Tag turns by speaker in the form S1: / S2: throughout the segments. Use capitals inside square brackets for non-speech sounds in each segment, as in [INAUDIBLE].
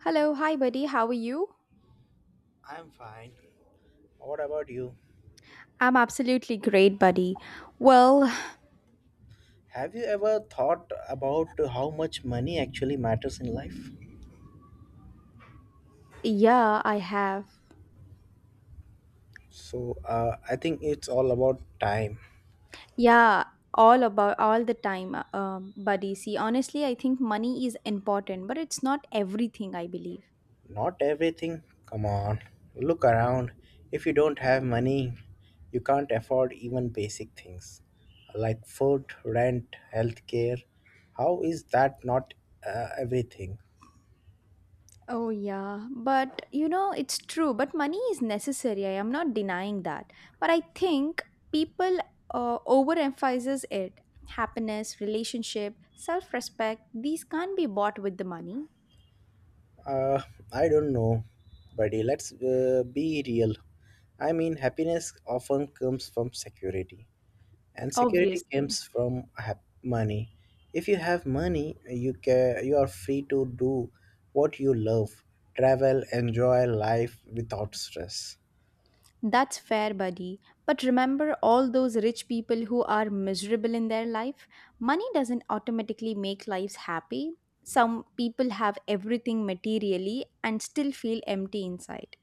S1: Hello, hi buddy, how are you?
S2: I'm fine. What about you?
S1: I'm absolutely great, buddy. Well,
S2: Have you ever thought about how much money actually matters in life?
S1: yeah, I have.
S2: So, I think it's all about time.
S1: Yeah, all about all the time, buddy. See, honestly, I think money is important, but it's not everything, I believe.
S2: Not everything. Come on. Look around. If you don't have money, you can't afford even basic things like food, rent, healthcare. How is that not everything?
S1: Oh, yeah, but you know, it's true, but money is necessary. I am not denying that. But I think people overemphasizes it. Happiness, relationship, self-respect, these can't be bought with the money,
S2: Uh, I don't know, buddy. Let's be real. I mean, happiness often comes from security, and security
S1: obviously.
S2: comes from money. If you have money, you are free to do what you love, travel, enjoy life without stress.
S1: That's fair, buddy. But remember all those rich people who are miserable in their life? Money doesn't automatically make lives happy. Some people have everything materially and still feel empty inside.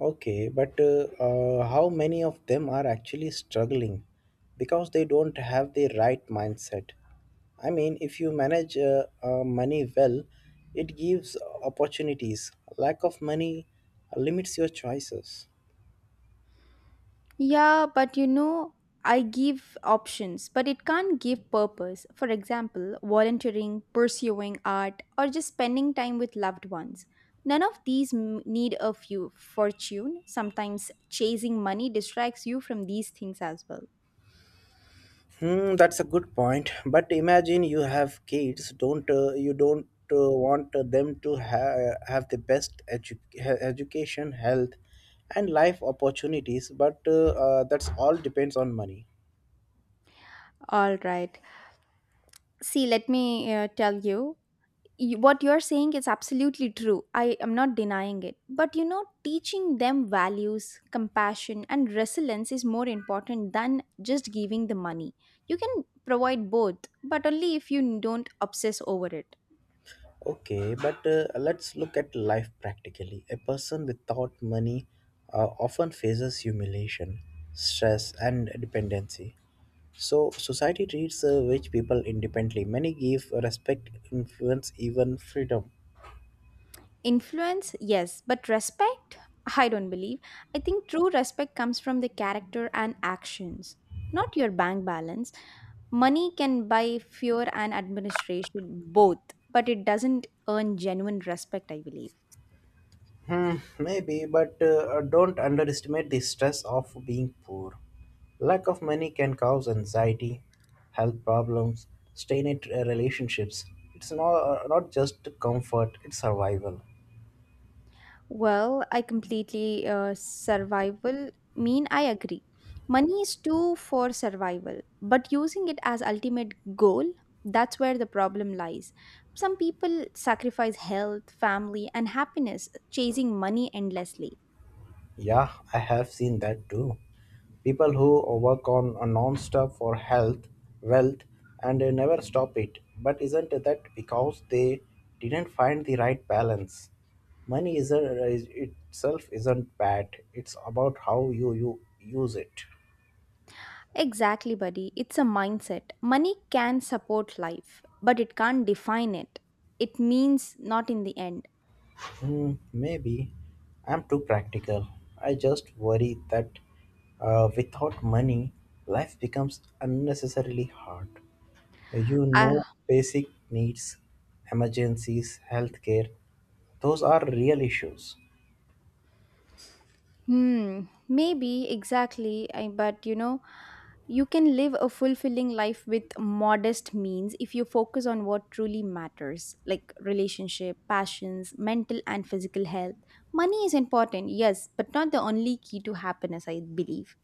S2: Okay, but how many of them are actually struggling because they don't have the right mindset? I mean, if you manage money well, it gives opportunities. Lack of money limits your choices.
S1: Yeah, but you know, I give options, but it can't give purpose. For example, volunteering, pursuing art, or just spending time with loved ones. None of these need a few fortune. Sometimes chasing money distracts you from these things as well.
S2: Hmm, that's a good point. But imagine you have kids. Don't You don't want them to have the best education, health, and life opportunities. But that's all depends on money.
S1: All right. See, let me tell you, what you're saying is absolutely true. I am not denying it. But you know, teaching them values, compassion, and resilience is more important than just giving the money. You can provide both, but only if you don't obsess over it.
S2: Okay, but let's look at life practically. A person without money often faces humiliation, stress, and dependency. So, society treats rich people independently. Many give respect, influence, even freedom.
S1: Influence, yes, but respect, I don't believe. I think true respect comes from the character and actions, not your bank balance. Money can buy fear and administration both, but it doesn't earn genuine respect, I believe.
S2: Hmm, maybe, but don't underestimate the stress of being poor. Lack of money can cause anxiety, health problems, strained relationships. It's not just comfort, it's survival.
S1: Well, I completely survival mean I agree. Money is too for survival, but using it as ultimate goal, that's where the problem lies. Some people sacrifice health, family, and happiness chasing money endlessly.
S2: Yeah, I have seen that too. People who work on a non-stop for health, wealth, and they never stop it. But isn't that because they didn't find the right balance? Money isn't is- itself isn't bad. It's about how you use it.
S1: Exactly, buddy. It's a mindset. Money can support life, but it can't define it. It means not in the end.
S2: Hmm, maybe I'm too practical. I just worry that without money, life becomes unnecessarily hard.
S1: Ah,
S2: Basic needs, emergencies, healthcare, those are real issues.
S1: hmm, maybe exactly. But you know, you can live a fulfilling life with modest means if you focus on what truly matters, like relationship, passions, mental and physical health. Money is important, yes, but not the only key to happiness, I believe.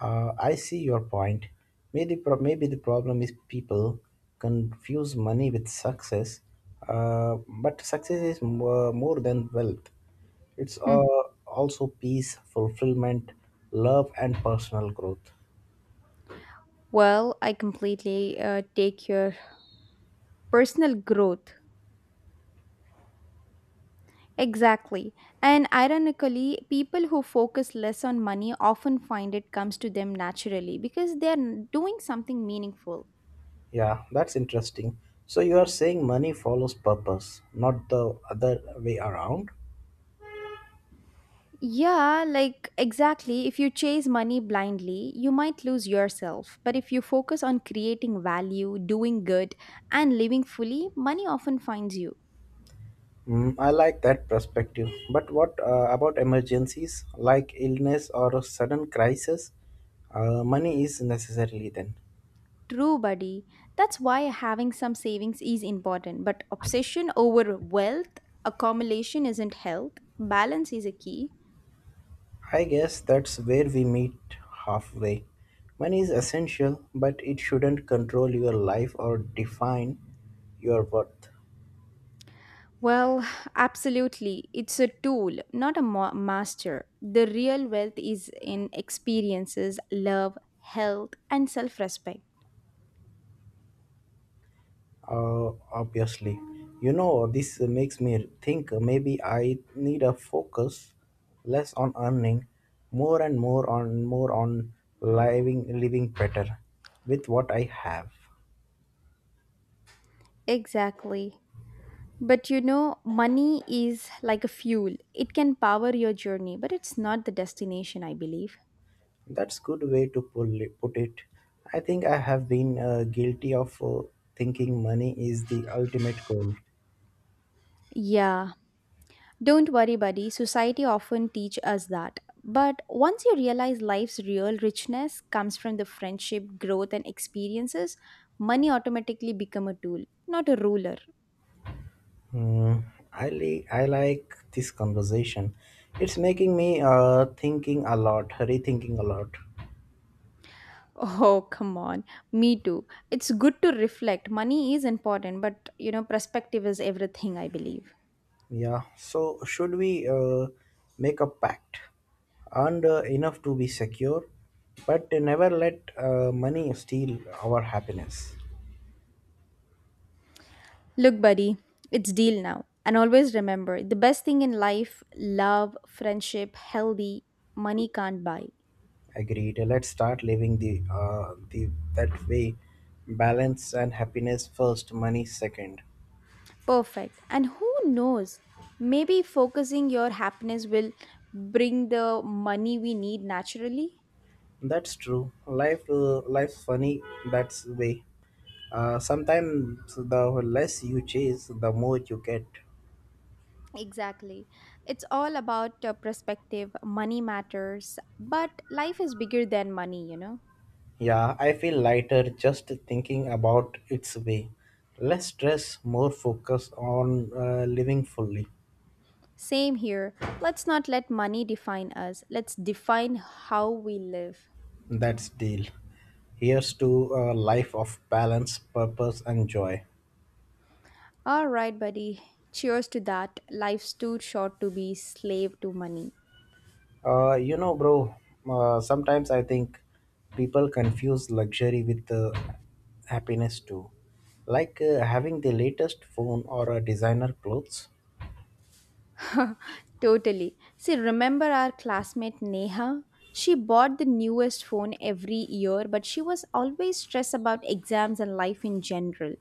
S2: I see your point. Maybe the problem is people confuse money with success. uh, but success is more than wealth. It's
S1: Hmm.
S2: also peace, fulfillment, love and personal growth.
S1: Well, I completely take your personal growth. Exactly. And ironically, people who focus less on money often find it comes to them naturally because they're doing something meaningful.
S2: Yeah, that's interesting. So you are saying money follows purpose, not the other way around?
S1: Yeah, like exactly. If you chase money blindly, you might lose yourself. But if you focus on creating value, doing good, and living fully, money often finds you.
S2: Mm, I like that perspective. But what about emergencies like illness or a sudden crisis? Money is necessarily then.
S1: True, buddy. That's why having some savings is important. But obsession over wealth accumulation isn't health. Balance is a key.
S2: I guess that's where we meet halfway. Money is essential, but it shouldn't control your life or define your worth.
S1: Well, absolutely. It's a tool, not a master. The real wealth is in experiences, love, health, and self respect.
S2: Obviously. You know, this makes me think maybe I need a focus less on earning, more on living better with what I have.
S1: Exactly. But you know, money is like a fuel. It can power your journey, but it's not the destination, I believe.
S2: That's good way to put it. I think I have been guilty of thinking money is the ultimate goal.
S1: Yeah, don't worry, buddy. Society often teach us that. But once you realize life's real richness comes from the friendship, growth, and experiences, money automatically become a tool, not a ruler.
S2: Hmm, I like this conversation. It's making me thinking a lot, rethinking a lot.
S1: Oh, come on. Me too. It's good to reflect. Money is important, but you know, perspective is everything, I believe.
S2: Yeah. So should we make a pact? Earn enough to be secure, but never let money steal our happiness.
S1: Look, buddy, it's deal now. And always remember, the best thing in life, love, friendship, healthy, money can't buy.
S2: Agreed. Let's start living the that way. Balance and happiness first, money second.
S1: Perfect. And who knows? Maybe focusing your happiness will bring the money we need naturally.
S2: That's true. Life's funny that's way. Sometimes the less you chase, the more you get.
S1: Exactly. It's all about perspective. Money matters, but life is bigger than money, you know?
S2: Yeah, I feel lighter just thinking about its way. Less stress, more focus on living fully.
S1: Same here. Let's not let money define us, let's define how we live.
S2: That's deal. Here's to a life of balance, purpose, and joy.
S1: All right, buddy. Cheers to that. Life's too short to be slave to money.
S2: You know, bro, sometimes I think people confuse luxury with happiness too. Like having the latest phone or a designer clothes.
S1: Totally. See, remember our classmate Neha? She bought the newest phone every year, but she was always stressed about exams and life in general.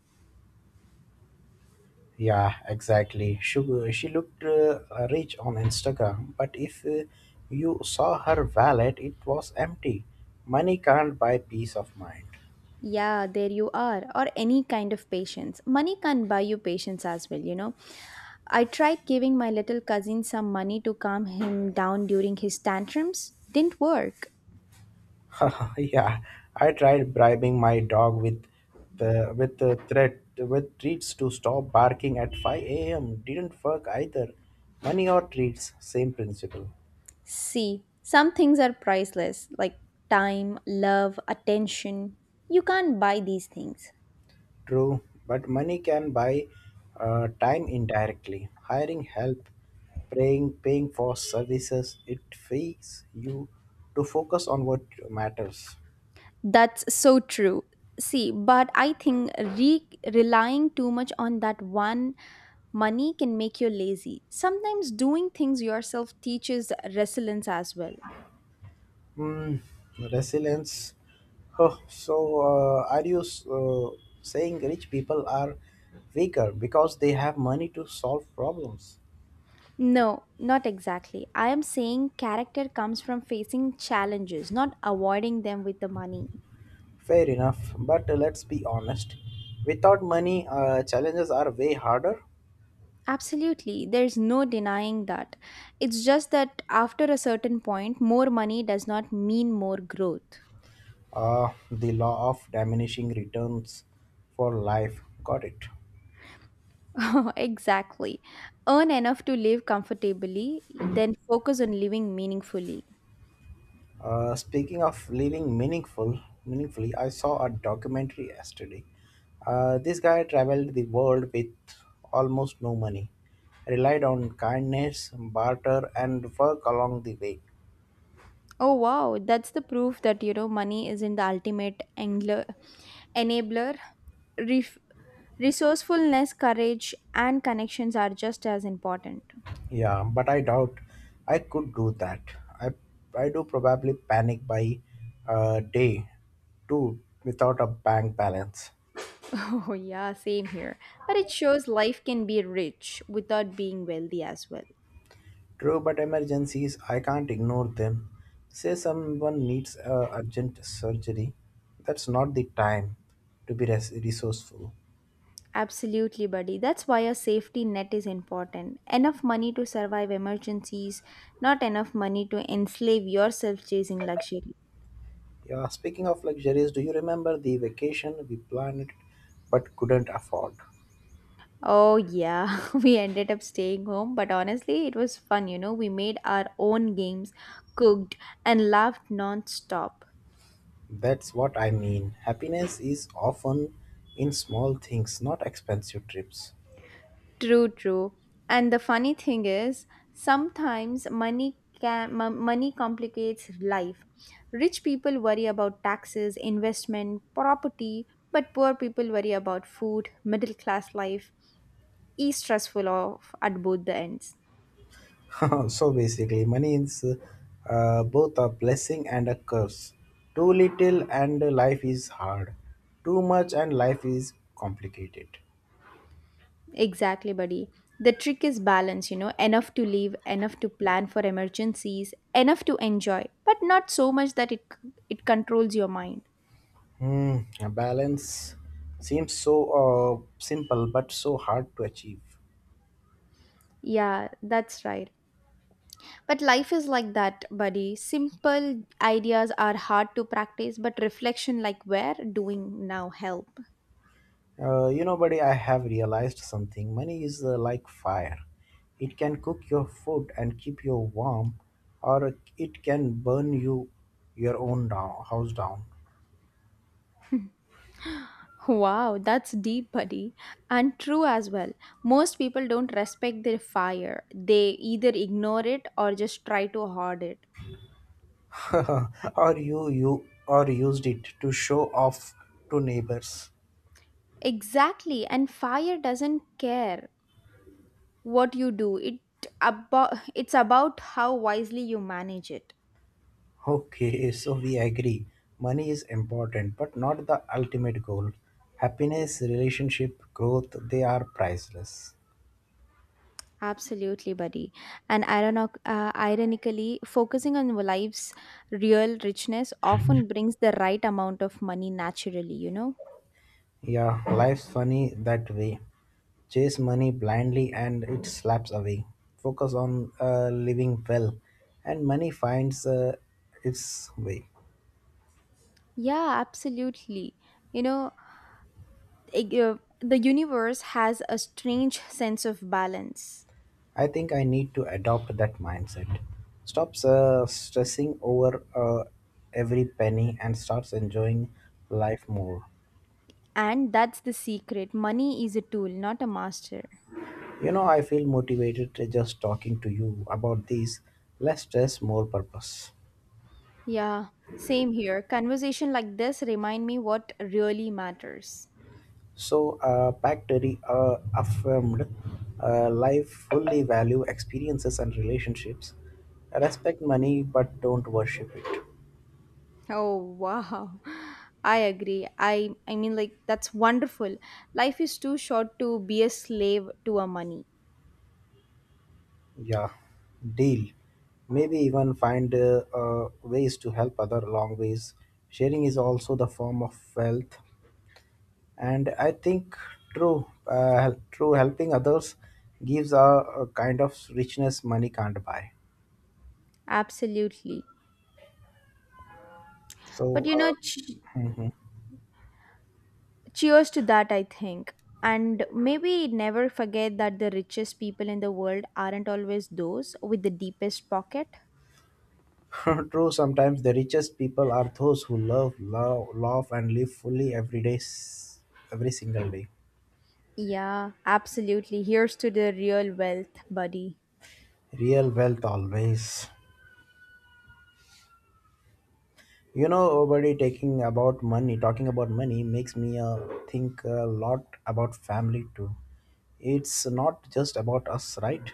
S2: Yeah, exactly. She looked rich on Instagram, but if you saw her wallet, it was empty. Money can't buy peace of mind.
S1: Yeah, there you are, or any kind of patience. Money can't buy you patience as well, you know. I tried giving my little cousin some money to calm him down during his tantrums. Didn't work.
S2: [LAUGHS] Yeah, I tried bribing my dog with the threat with treats to stop barking at 5 a.m. Didn't work either. Money or treats, same principle.
S1: See, some things are priceless, like time, love, attention. You can't buy these things.
S2: True, but money can buy time indirectly. Hiring help, paying for services, it frees you to focus on what matters.
S1: That's so true. See, but I think relying too much on that one money can make you lazy. Sometimes doing things yourself teaches resilience as well.
S2: Hmm, resilience. Huh, so, are you saying rich people are weaker because they have money to solve problems?
S1: No, not exactly. I am saying character comes from facing challenges, not avoiding them with the money.
S2: Fair enough, but let's be honest. Without money, challenges are way harder.
S1: Absolutely, there's no denying that. It's just that after a certain point, more money does not mean more growth.
S2: The law of diminishing returns for life. Got it.
S1: [LAUGHS] Exactly. Earn enough to live comfortably, then focus on living meaningfully.
S2: Speaking of living meaningfully, I saw a documentary yesterday. This guy traveled the world with almost no money, relied on kindness, barter, and work along the way.
S1: Oh wow, that's the proof that you know money isn't the ultimate enabler. Ref- resourcefulness, courage, and connections are just as important. [LAUGHS]
S2: Yeah, but I doubt I could do that. I I do probably panic by day two without a bank balance.
S1: Oh yeah, same here. But it shows life can be rich without being wealthy as well.
S2: True, but emergencies, I can't ignore them. Say someone needs urgent surgery, that's not the time to be resourceful.
S1: Absolutely, buddy. That's why a safety net is important. Enough money to survive emergencies, not enough money to enslave yourself chasing luxury.
S2: Yeah, speaking of luxuries, do you remember the vacation we planned but couldn't afford?
S1: Oh, yeah, [LAUGHS] we ended up staying home, but honestly, it was fun, you know. We made our own games, cooked, and laughed non stop.
S2: That's what I mean. Happiness is often in small things, not expensive trips.
S1: True, true. And the funny thing is, sometimes money complicates life. Rich people worry about taxes, investment, property, but poor people worry about food, middle class life. Is stressful of at both the ends.
S2: [LAUGHS] So basically, money is both a blessing and a curse. Too little and life is hard. Too much and life is complicated.
S1: Exactly, buddy. The trick is balance, you know, enough to live, enough to plan for emergencies, enough to enjoy, but not so much that it controls your mind.
S2: Hmm, a balance seems so simple but so hard to achieve.
S1: Yeah, that's right. But life is like that, buddy. Simple ideas are hard to practice, but reflection, like we're doing now, help.
S2: You know, buddy, I have realized something. Money is like fire. It can cook your food and keep you warm, or it can burn your own house down.
S1: Wow, that's deep, buddy. And true as well. Most people don't respect their fire, they either ignore it or just try to hoard it.
S2: [LAUGHS] or you or used it to show off to neighbors.
S1: Exactly, and fire doesn't care what you do, it's about how wisely you manage it.
S2: Okay, so we agree. Money is important, but not the ultimate goal. Happiness, relationship, growth, they are priceless.
S1: Absolutely, buddy. And ironically, focusing on life's real richness often brings the right amount of money naturally, you know?
S2: Yeah, life's funny that way. Chase money blindly and it slaps away. Focus on living well, and money finds its way.
S1: Yeah, absolutely. You know, the universe has a strange sense of balance.
S2: I think I need to adopt that mindset. Stop stressing over every penny and starts enjoying life more.
S1: And that's the secret. Money is a tool, not a master.
S2: You know, I feel motivated just talking to you about these less stress, more purpose.
S1: Yeah, same here. Conversation like this remind me what really matters.
S2: So, Pactory affirmed life fully value experiences and relationships. Respect money, but don't worship it.
S1: Oh wow. I agree. I mean like that's wonderful. Life is too short to be a slave to our money.
S2: Yeah, deal. Maybe even find ways to help other long ways. Sharing is also the form of wealth, and I think true helping others gives a kind of richness money can't buy.
S1: Absolutely. But
S2: So,
S1: you know
S2: mhm.
S1: cheers to that I think. And maybe never forget that the richest people in the world aren't always those with the deepest pocket.
S2: [LAUGHS] true. Sometimes the richest people are those who love and live fully every day, every single day.
S1: Yeah, absolutely. Here's to the real wealth, buddy.
S2: Real wealth always. You know, buddy, taking about money talking about money makes me think a lot about family too. It's not just about us, right?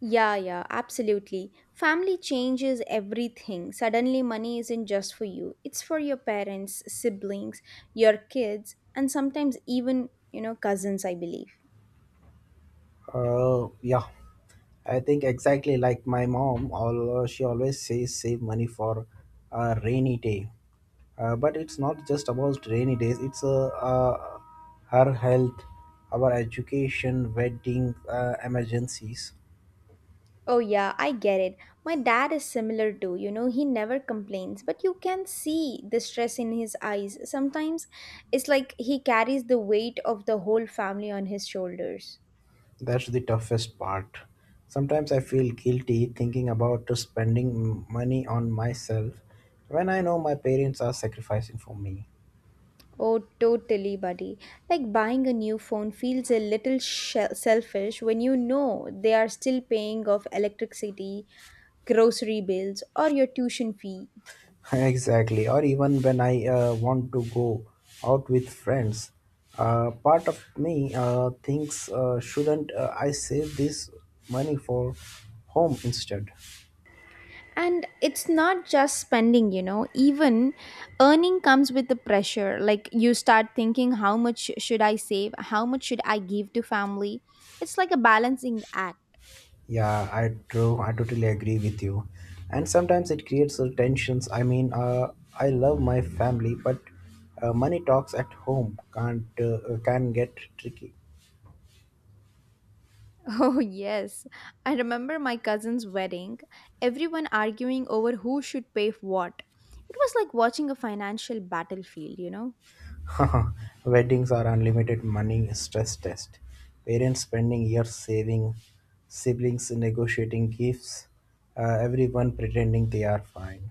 S1: Yeah, yeah, absolutely. Family changes everything. Suddenly, money isn't just for you, it's for your parents, siblings, your kids, and sometimes even, you know, cousins, I believe.
S2: Yeah, I think exactly like my mom, all she always says save money for a rainy day. But it's not just about rainy days, it's her health, our education, wedding, emergencies.
S1: Oh, yeah, I get it. My dad is similar too. You know, he never complains, but you can see the stress in his eyes. Sometimes it's like he carries the weight of the whole family on his shoulders.
S2: That's the toughest part. Sometimes I feel guilty thinking about spending money on myself when I know my parents are sacrificing for me.
S1: Oh, totally, buddy. Like buying a new phone feels a little selfish when you know they are still paying off electricity, grocery bills, or your tuition fee.
S2: [LAUGHS] exactly. Or even when I want to go out with friends. Part of me thinks, shouldn't I save this money for home instead?
S1: And it's not just spending, you know, even earning comes with the pressure. Like you start thinking, how much should I save? How much should I give to family? It's like a balancing act.
S2: Yeah, I true. I totally agree with you. And sometimes it creates tensions. I mean, I love my family, but money talks at home can't can get tricky.
S1: Oh, yes. I remember my cousin's wedding, everyone arguing over who should pay for what. It was like watching a financial battlefield, you know?
S2: [LAUGHS] Weddings are unlimited money stress test. Parents spending years saving, siblings negotiating gifts, everyone pretending they are fine.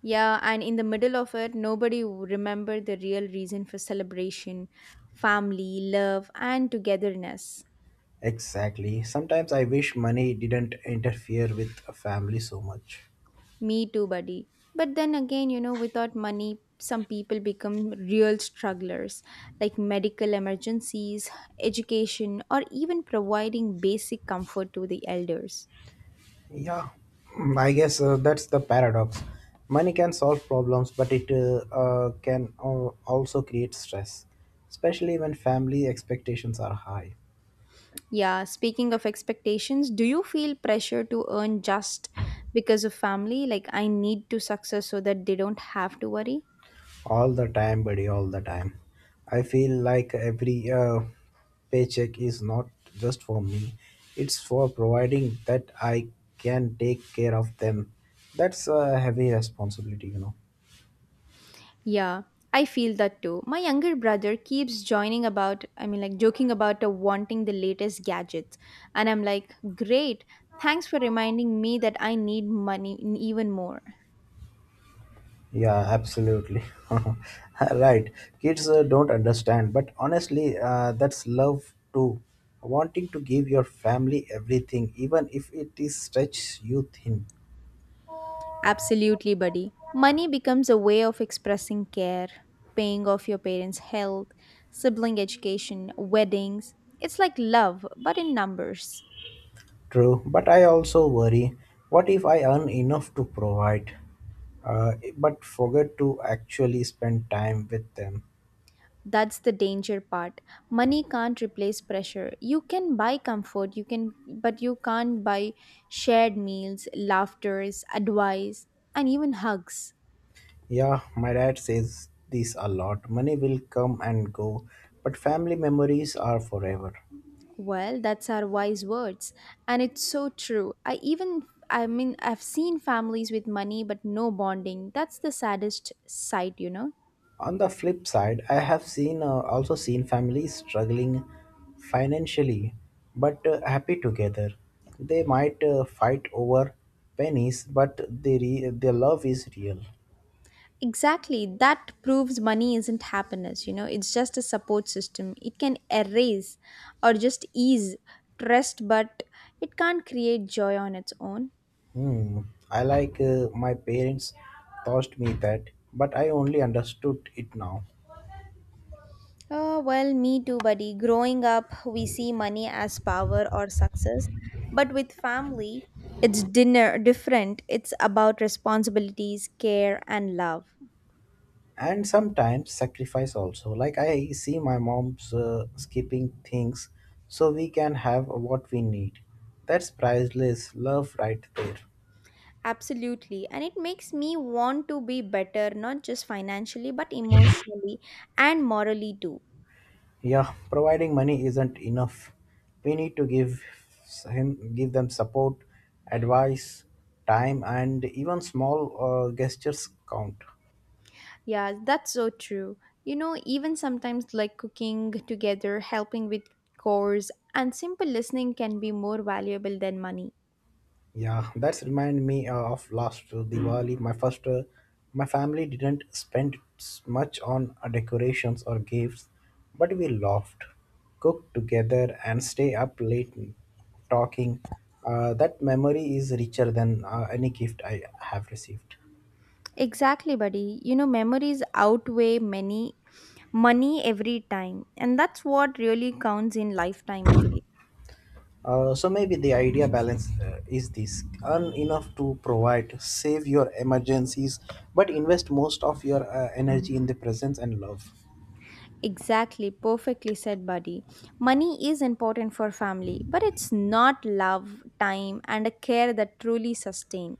S1: Yeah, and in the middle of it, remembered the real reason for celebration family, love, and togetherness.
S2: Exactly. Sometimes I wish money didn't interfere with a family so much.
S1: Me too, buddy. But then again, you know, without money, some people become real strugglers, like medical emergencies, education, or even providing basic comfort to the elders.
S2: Yeah, I guess that's the paradox. Money can solve problems, but it can also create stress, especially when family expectations are high.
S1: Yeah, speaking of expectations, do you feel pressure to earn just because of family? Like, I need to success so that they don't have to worry?
S2: All the time, buddy, all the time. I feel like every paycheck is not just for me, it's for providing that I can take care of them. That's a heavy responsibility.
S1: Yeah, I feel that too. My younger brother keeps joining about, I mean, like joking about wanting the latest gadgets. And I'm like, great, thanks for reminding me that I need money even more.
S2: Yeah, absolutely. [LAUGHS] Right. Kids don't understand, but honestly, that's love too. Wanting to give your family everything, even if it is stretch you thin.
S1: Absolutely, buddy. Money becomes a way of expressing care, paying off your parents' health, sibling education, weddings. It's like love, but in numbers.
S2: True, but I also worry, what if I earn enough to provide, but forget to actually spend time with them?
S1: That's the danger part. Money can't replace pressure. You can buy comfort, you can but you can't buy shared meals, laughters, advice, and even hugs.
S2: Yeah, my dad says this a lot. Money will come and go, but family memories are forever.
S1: Well, that's our wise words, and it's so true. I even I mean I've seen families with money but no bonding. That's the saddest sight, you know.
S2: On the flip side, I have seen also seen families struggling financially but happy together. They might fight over pennies, but their love is real.
S1: Exactly. That proves money isn't happiness, you know. It's just a support system. It can erase or just ease trust, but it can't create joy on its own.
S2: Hmm. I like My parents taught me that, but I only understood it now.
S1: Well, me too, buddy. Growing up, we see money as power or success, but with family, it's dinner different. It's about responsibilities, care, and love.
S2: And sometimes sacrifice also. Like I see my mom's skipping things so we can have what we need. That's priceless love right there.
S1: Absolutely. And it makes me want to be better, not just financially, but emotionally and morally too.
S2: Yeah, providing money isn't enough. We need to give them support, advice, time, and even small gestures count.
S1: Yeah, that's so true. You know, even sometimes like cooking together, helping with chores, and simple listening can be more valuable than money.
S2: Yeah, that's remind me of last Diwali. My family didn't spend much on decorations or gifts, but we laughed, cooked together, and stay up late talking. That memory is richer than any gift I have received.
S1: Exactly, buddy. You know, memories outweigh many money every time, and that's what really counts in lifetime, I believe.
S2: So maybe the idea balance is this earn enough to provide, save your emergencies, but invest most of your energy in the presence and love.
S1: Exactly, perfectly said, buddy. Money is important for family, but it's not love, time, and a care that truly sustain.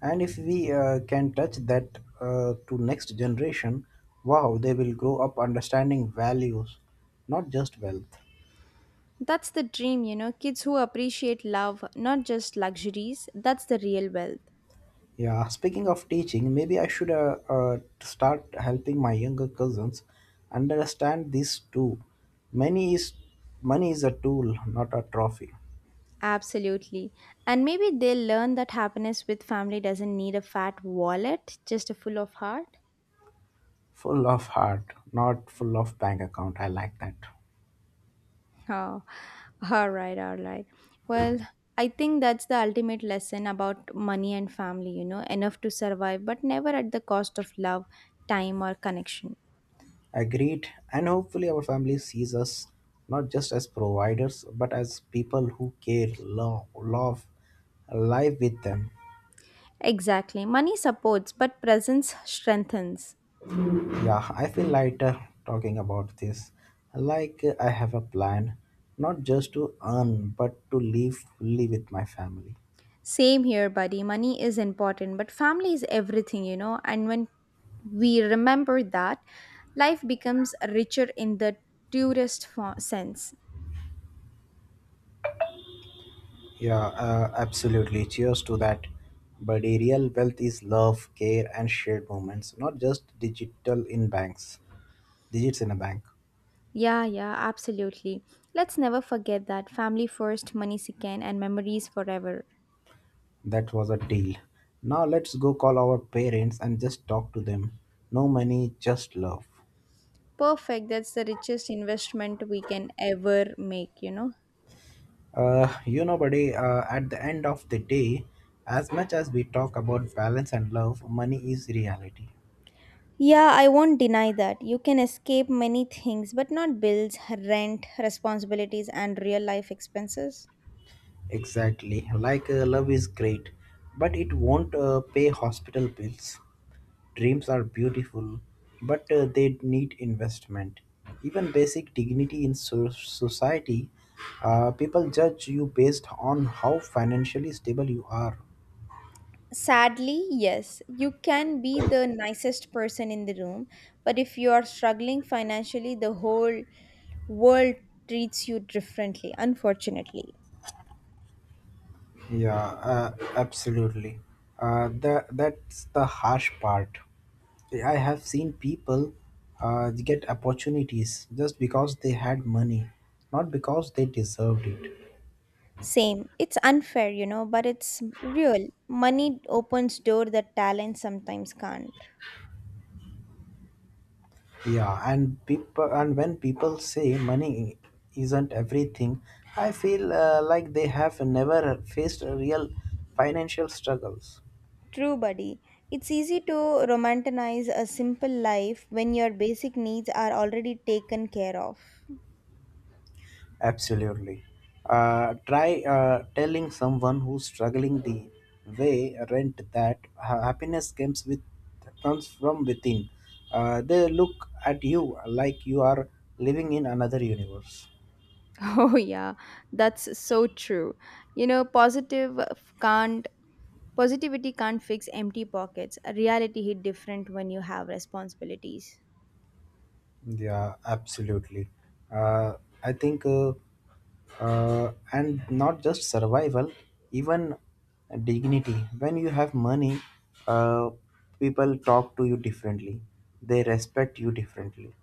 S2: And if we can touch that to next generation, wow, they will grow up understanding values, not just wealth.
S1: That's the dream, kids who appreciate love, not just luxuries. That's the real wealth.
S2: Yeah, speaking of teaching, maybe I should start helping my younger cousins understand this too. Money is Money is a tool, not a trophy.
S1: Absolutely. And maybe they'll learn that happiness with family doesn't need a fat wallet, just a full of heart.
S2: Full of heart, not full of bank account. I like that.
S1: Oh, all right, all right. Well, I think that's the ultimate lesson about money and family, enough to survive, but never at the cost of love, time, or connection.
S2: Agreed. And hopefully, our family sees us not just as providers, but as people who care, love, life with them.
S1: Exactly. Money supports, but presence strengthens.
S2: Yeah, I feel lighter talking about this. Like I have a plan, not just to earn, but to live fully with my family.
S1: Same here, buddy. Money is important, but family is everything, you know, and when we remember that, life becomes richer in the sense.
S2: Yeah, absolutely. Cheers to that. But a real wealth is love, care, and shared moments, not just digital in banks. Digits in a bank.
S1: Yeah, yeah, absolutely. Let's never forget that family first, money second, and memories forever.
S2: That was a deal. Now let's go call our parents and just talk to them. No money, just love.
S1: Perfect. That's the richest investment we can ever make, you know?
S2: You know, buddy, at the end of the day, as much as we talk about balance and love, money is reality.
S1: Yeah, I won't deny that. You can escape many things, but not bills, rent, responsibilities, and real life expenses.
S2: Exactly. Like love is great, but it won't pay hospital bills. Dreams are beautiful, but they need investment. Even basic dignity in society, people judge you based on how financially stable you are.
S1: Sadly, yes, you can be the nicest person in the room, but if you are struggling financially, the whole world treats you differently, unfortunately.
S2: Yeah, absolutely. That's the harsh part. I have seen people get opportunities just because they had money, not because they deserved it.
S1: Same. It's unfair, you know, but it's real. Money opens door that talent sometimes can't.
S2: And when people say money isn't everything, I feel like they have never faced a real financial struggles.
S1: True, buddy. It's easy to romanticize a simple life when your basic needs are already taken care of. [LAUGHS]
S2: Absolutely. Try telling someone who's struggling the way rent that happiness comes with comes from within. They look at you like you are living in another universe.
S1: Oh yeah, that's so true. You know, positive f- can't positivity can't fix empty pockets. A reality hit different when you have responsibilities.
S2: Yeah, absolutely. Uh, I think, and not just survival, even dignity. When you have money, uh, people talk to you differently, they respect you differently.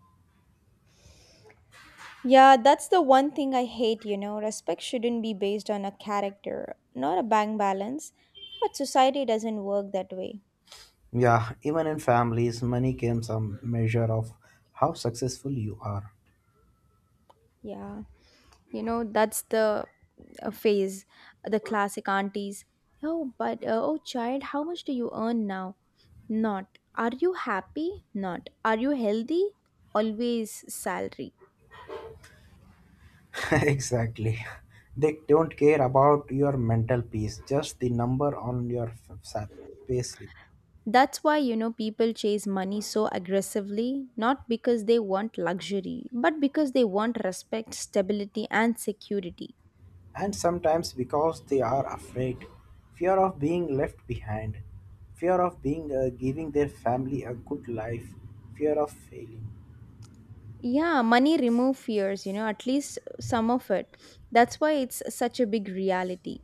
S1: Yeah, that's the one thing I hate, you know. Respect shouldn't be based on a character, not a bank balance, but society doesn't work that way.
S2: Yeah, even in families, money can some measure of how successful you are.
S1: Yeah, you know, that's the phase, the classic aunties. Oh, but oh, child, how much do you earn now? Not. Are you happy? Not. Are you healthy? Always salary.
S2: [LAUGHS] exactly. They don't care about your mental peace, just the number on your payslip.
S1: That's why, you know, people chase money so aggressively, not because they want luxury, but because they want respect, stability, and security.
S2: And sometimes because they are afraid, fear of being left behind, fear of being giving their family a good life, fear of failing.
S1: Yeah, money remove fears, you know, at least some of it. That's why it's such a big reality.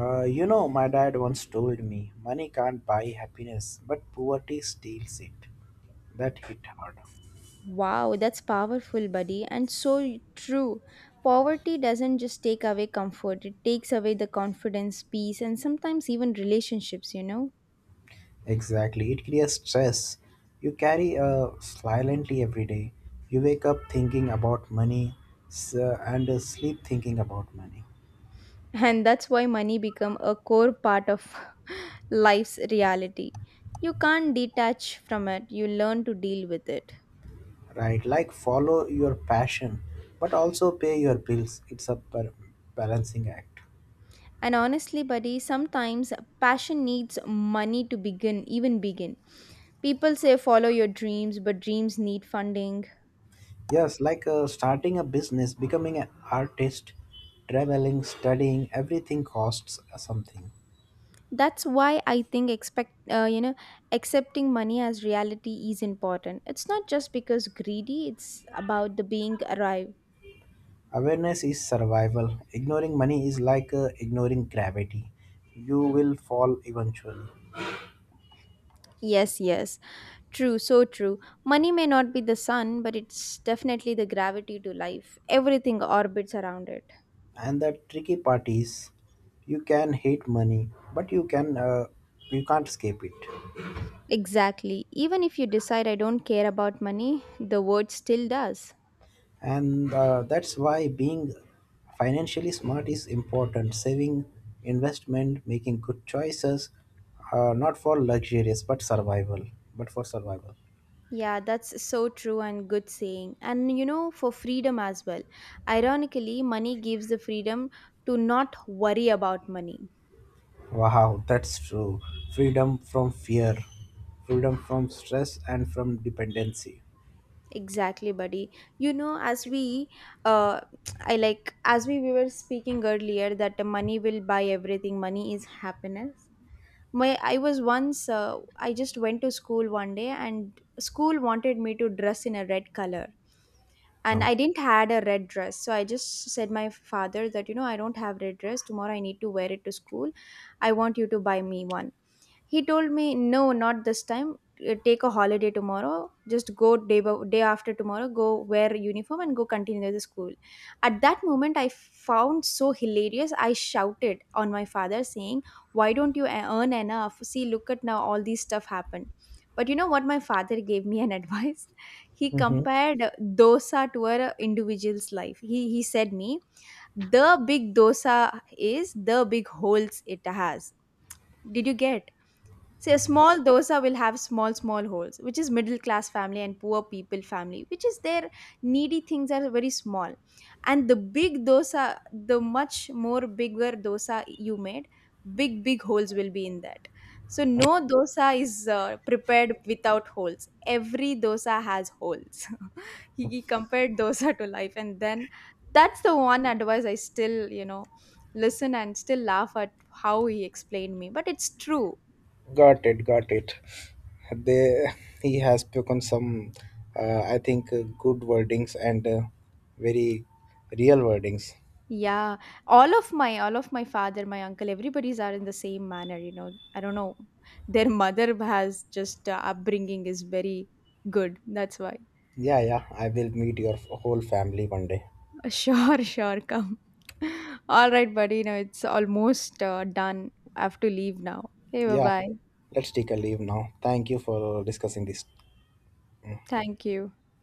S2: You know, my dad once told me money can't buy happiness but poverty steals it. That hit hard.
S1: Wow, that's powerful, buddy, and so true. Poverty doesn't just take away comfort, it takes away the confidence, peace, and sometimes even relationships, you know.
S2: Exactly, it creates stress you carry silently every day. You wake up thinking about money and sleep thinking about money.
S1: And that's why money become a core part of [LAUGHS] life's reality. You can't detach from it, you learn to deal with it.
S2: Right, like follow your passion but also pay your bills. It's a balancing act.
S1: And honestly, buddy, sometimes passion needs money to begin even begin. People say follow your dreams, but dreams need funding.
S2: Yes, like starting a business, becoming an artist, traveling, studying, everything costs something.
S1: That's why I think expect you know, accepting money as reality is important. It's not just because greedy, it's about the being arrive.
S2: Awareness is survival. Ignoring money is like ignoring gravity, you will fall eventually.
S1: Yes, yes. True, so true. Money may not be the sun, but it's definitely the gravity to life. Everything orbits around it.
S2: And the tricky part is you can hate money but you can you can't escape it.
S1: Exactly. Even if you decide I don't care about money, the word still does.
S2: And that's why being financially smart is important, saving, investment, making good choices, not for luxurious but survival but for survival.
S1: Yeah, that's so true and good saying. And you know, for freedom as well. Ironically, money gives the freedom to not worry about money.
S2: Wow, that's true. Freedom from fear, freedom from stress and from dependency.
S1: Exactly, buddy. You know, as we, uh, as we were speaking earlier that the money will buy everything, money is happiness. I was once, I just went to school one day and school wanted me to dress in a red color. And I
S2: Okay.
S1: didn't had a red dress. So I just said my father that, you know, I don't have red dress. Tomorrow I need to wear it to school. I want you to buy me one. He told me, "No, not this time. Take a holiday tomorrow. Just go day after tomorrow. Go wear uniform and go continue the school." At that moment, I found so hilarious. I shouted on my father, saying, "Why don't you earn enough? See, look at now, all these stuff happened." But you know what? My father gave me an [LAUGHS] advice. He
S2: Hmm,
S1: compared dosa to a individual's life. He said me, "The big dosa is the big holes it has." Did you get? See, a small dosa will have small, small holes, which is middle class family and poor people family, which is their needy things are very small. And the big dosa, the much more bigger dosa you made, big, big holes will be in that. So, no dosa is prepared without holes. Every dosa has holes. [LAUGHS] He compared dosa to life. And then that's the one advice I still, you know, listen and still laugh at how he explained me. But it's true.
S2: got it, got it. They He has spoken some I think good wordings and very real wordings.
S1: Yeah, all of my father, my uncle, everybody's are in the same manner. You know, I don't know, their mother has just upbringing is very good. That's why. [LAUGHS]
S2: Yeah, yeah, I will meet your whole family one day.
S1: Sure, sure, come. [LAUGHS] All right, buddy. You know, it's almost done. I have to leave now. Okay, bye
S2: Yeah,
S1: bye.
S2: let's take a leave now. Thank you for discussing this.
S1: Thank you.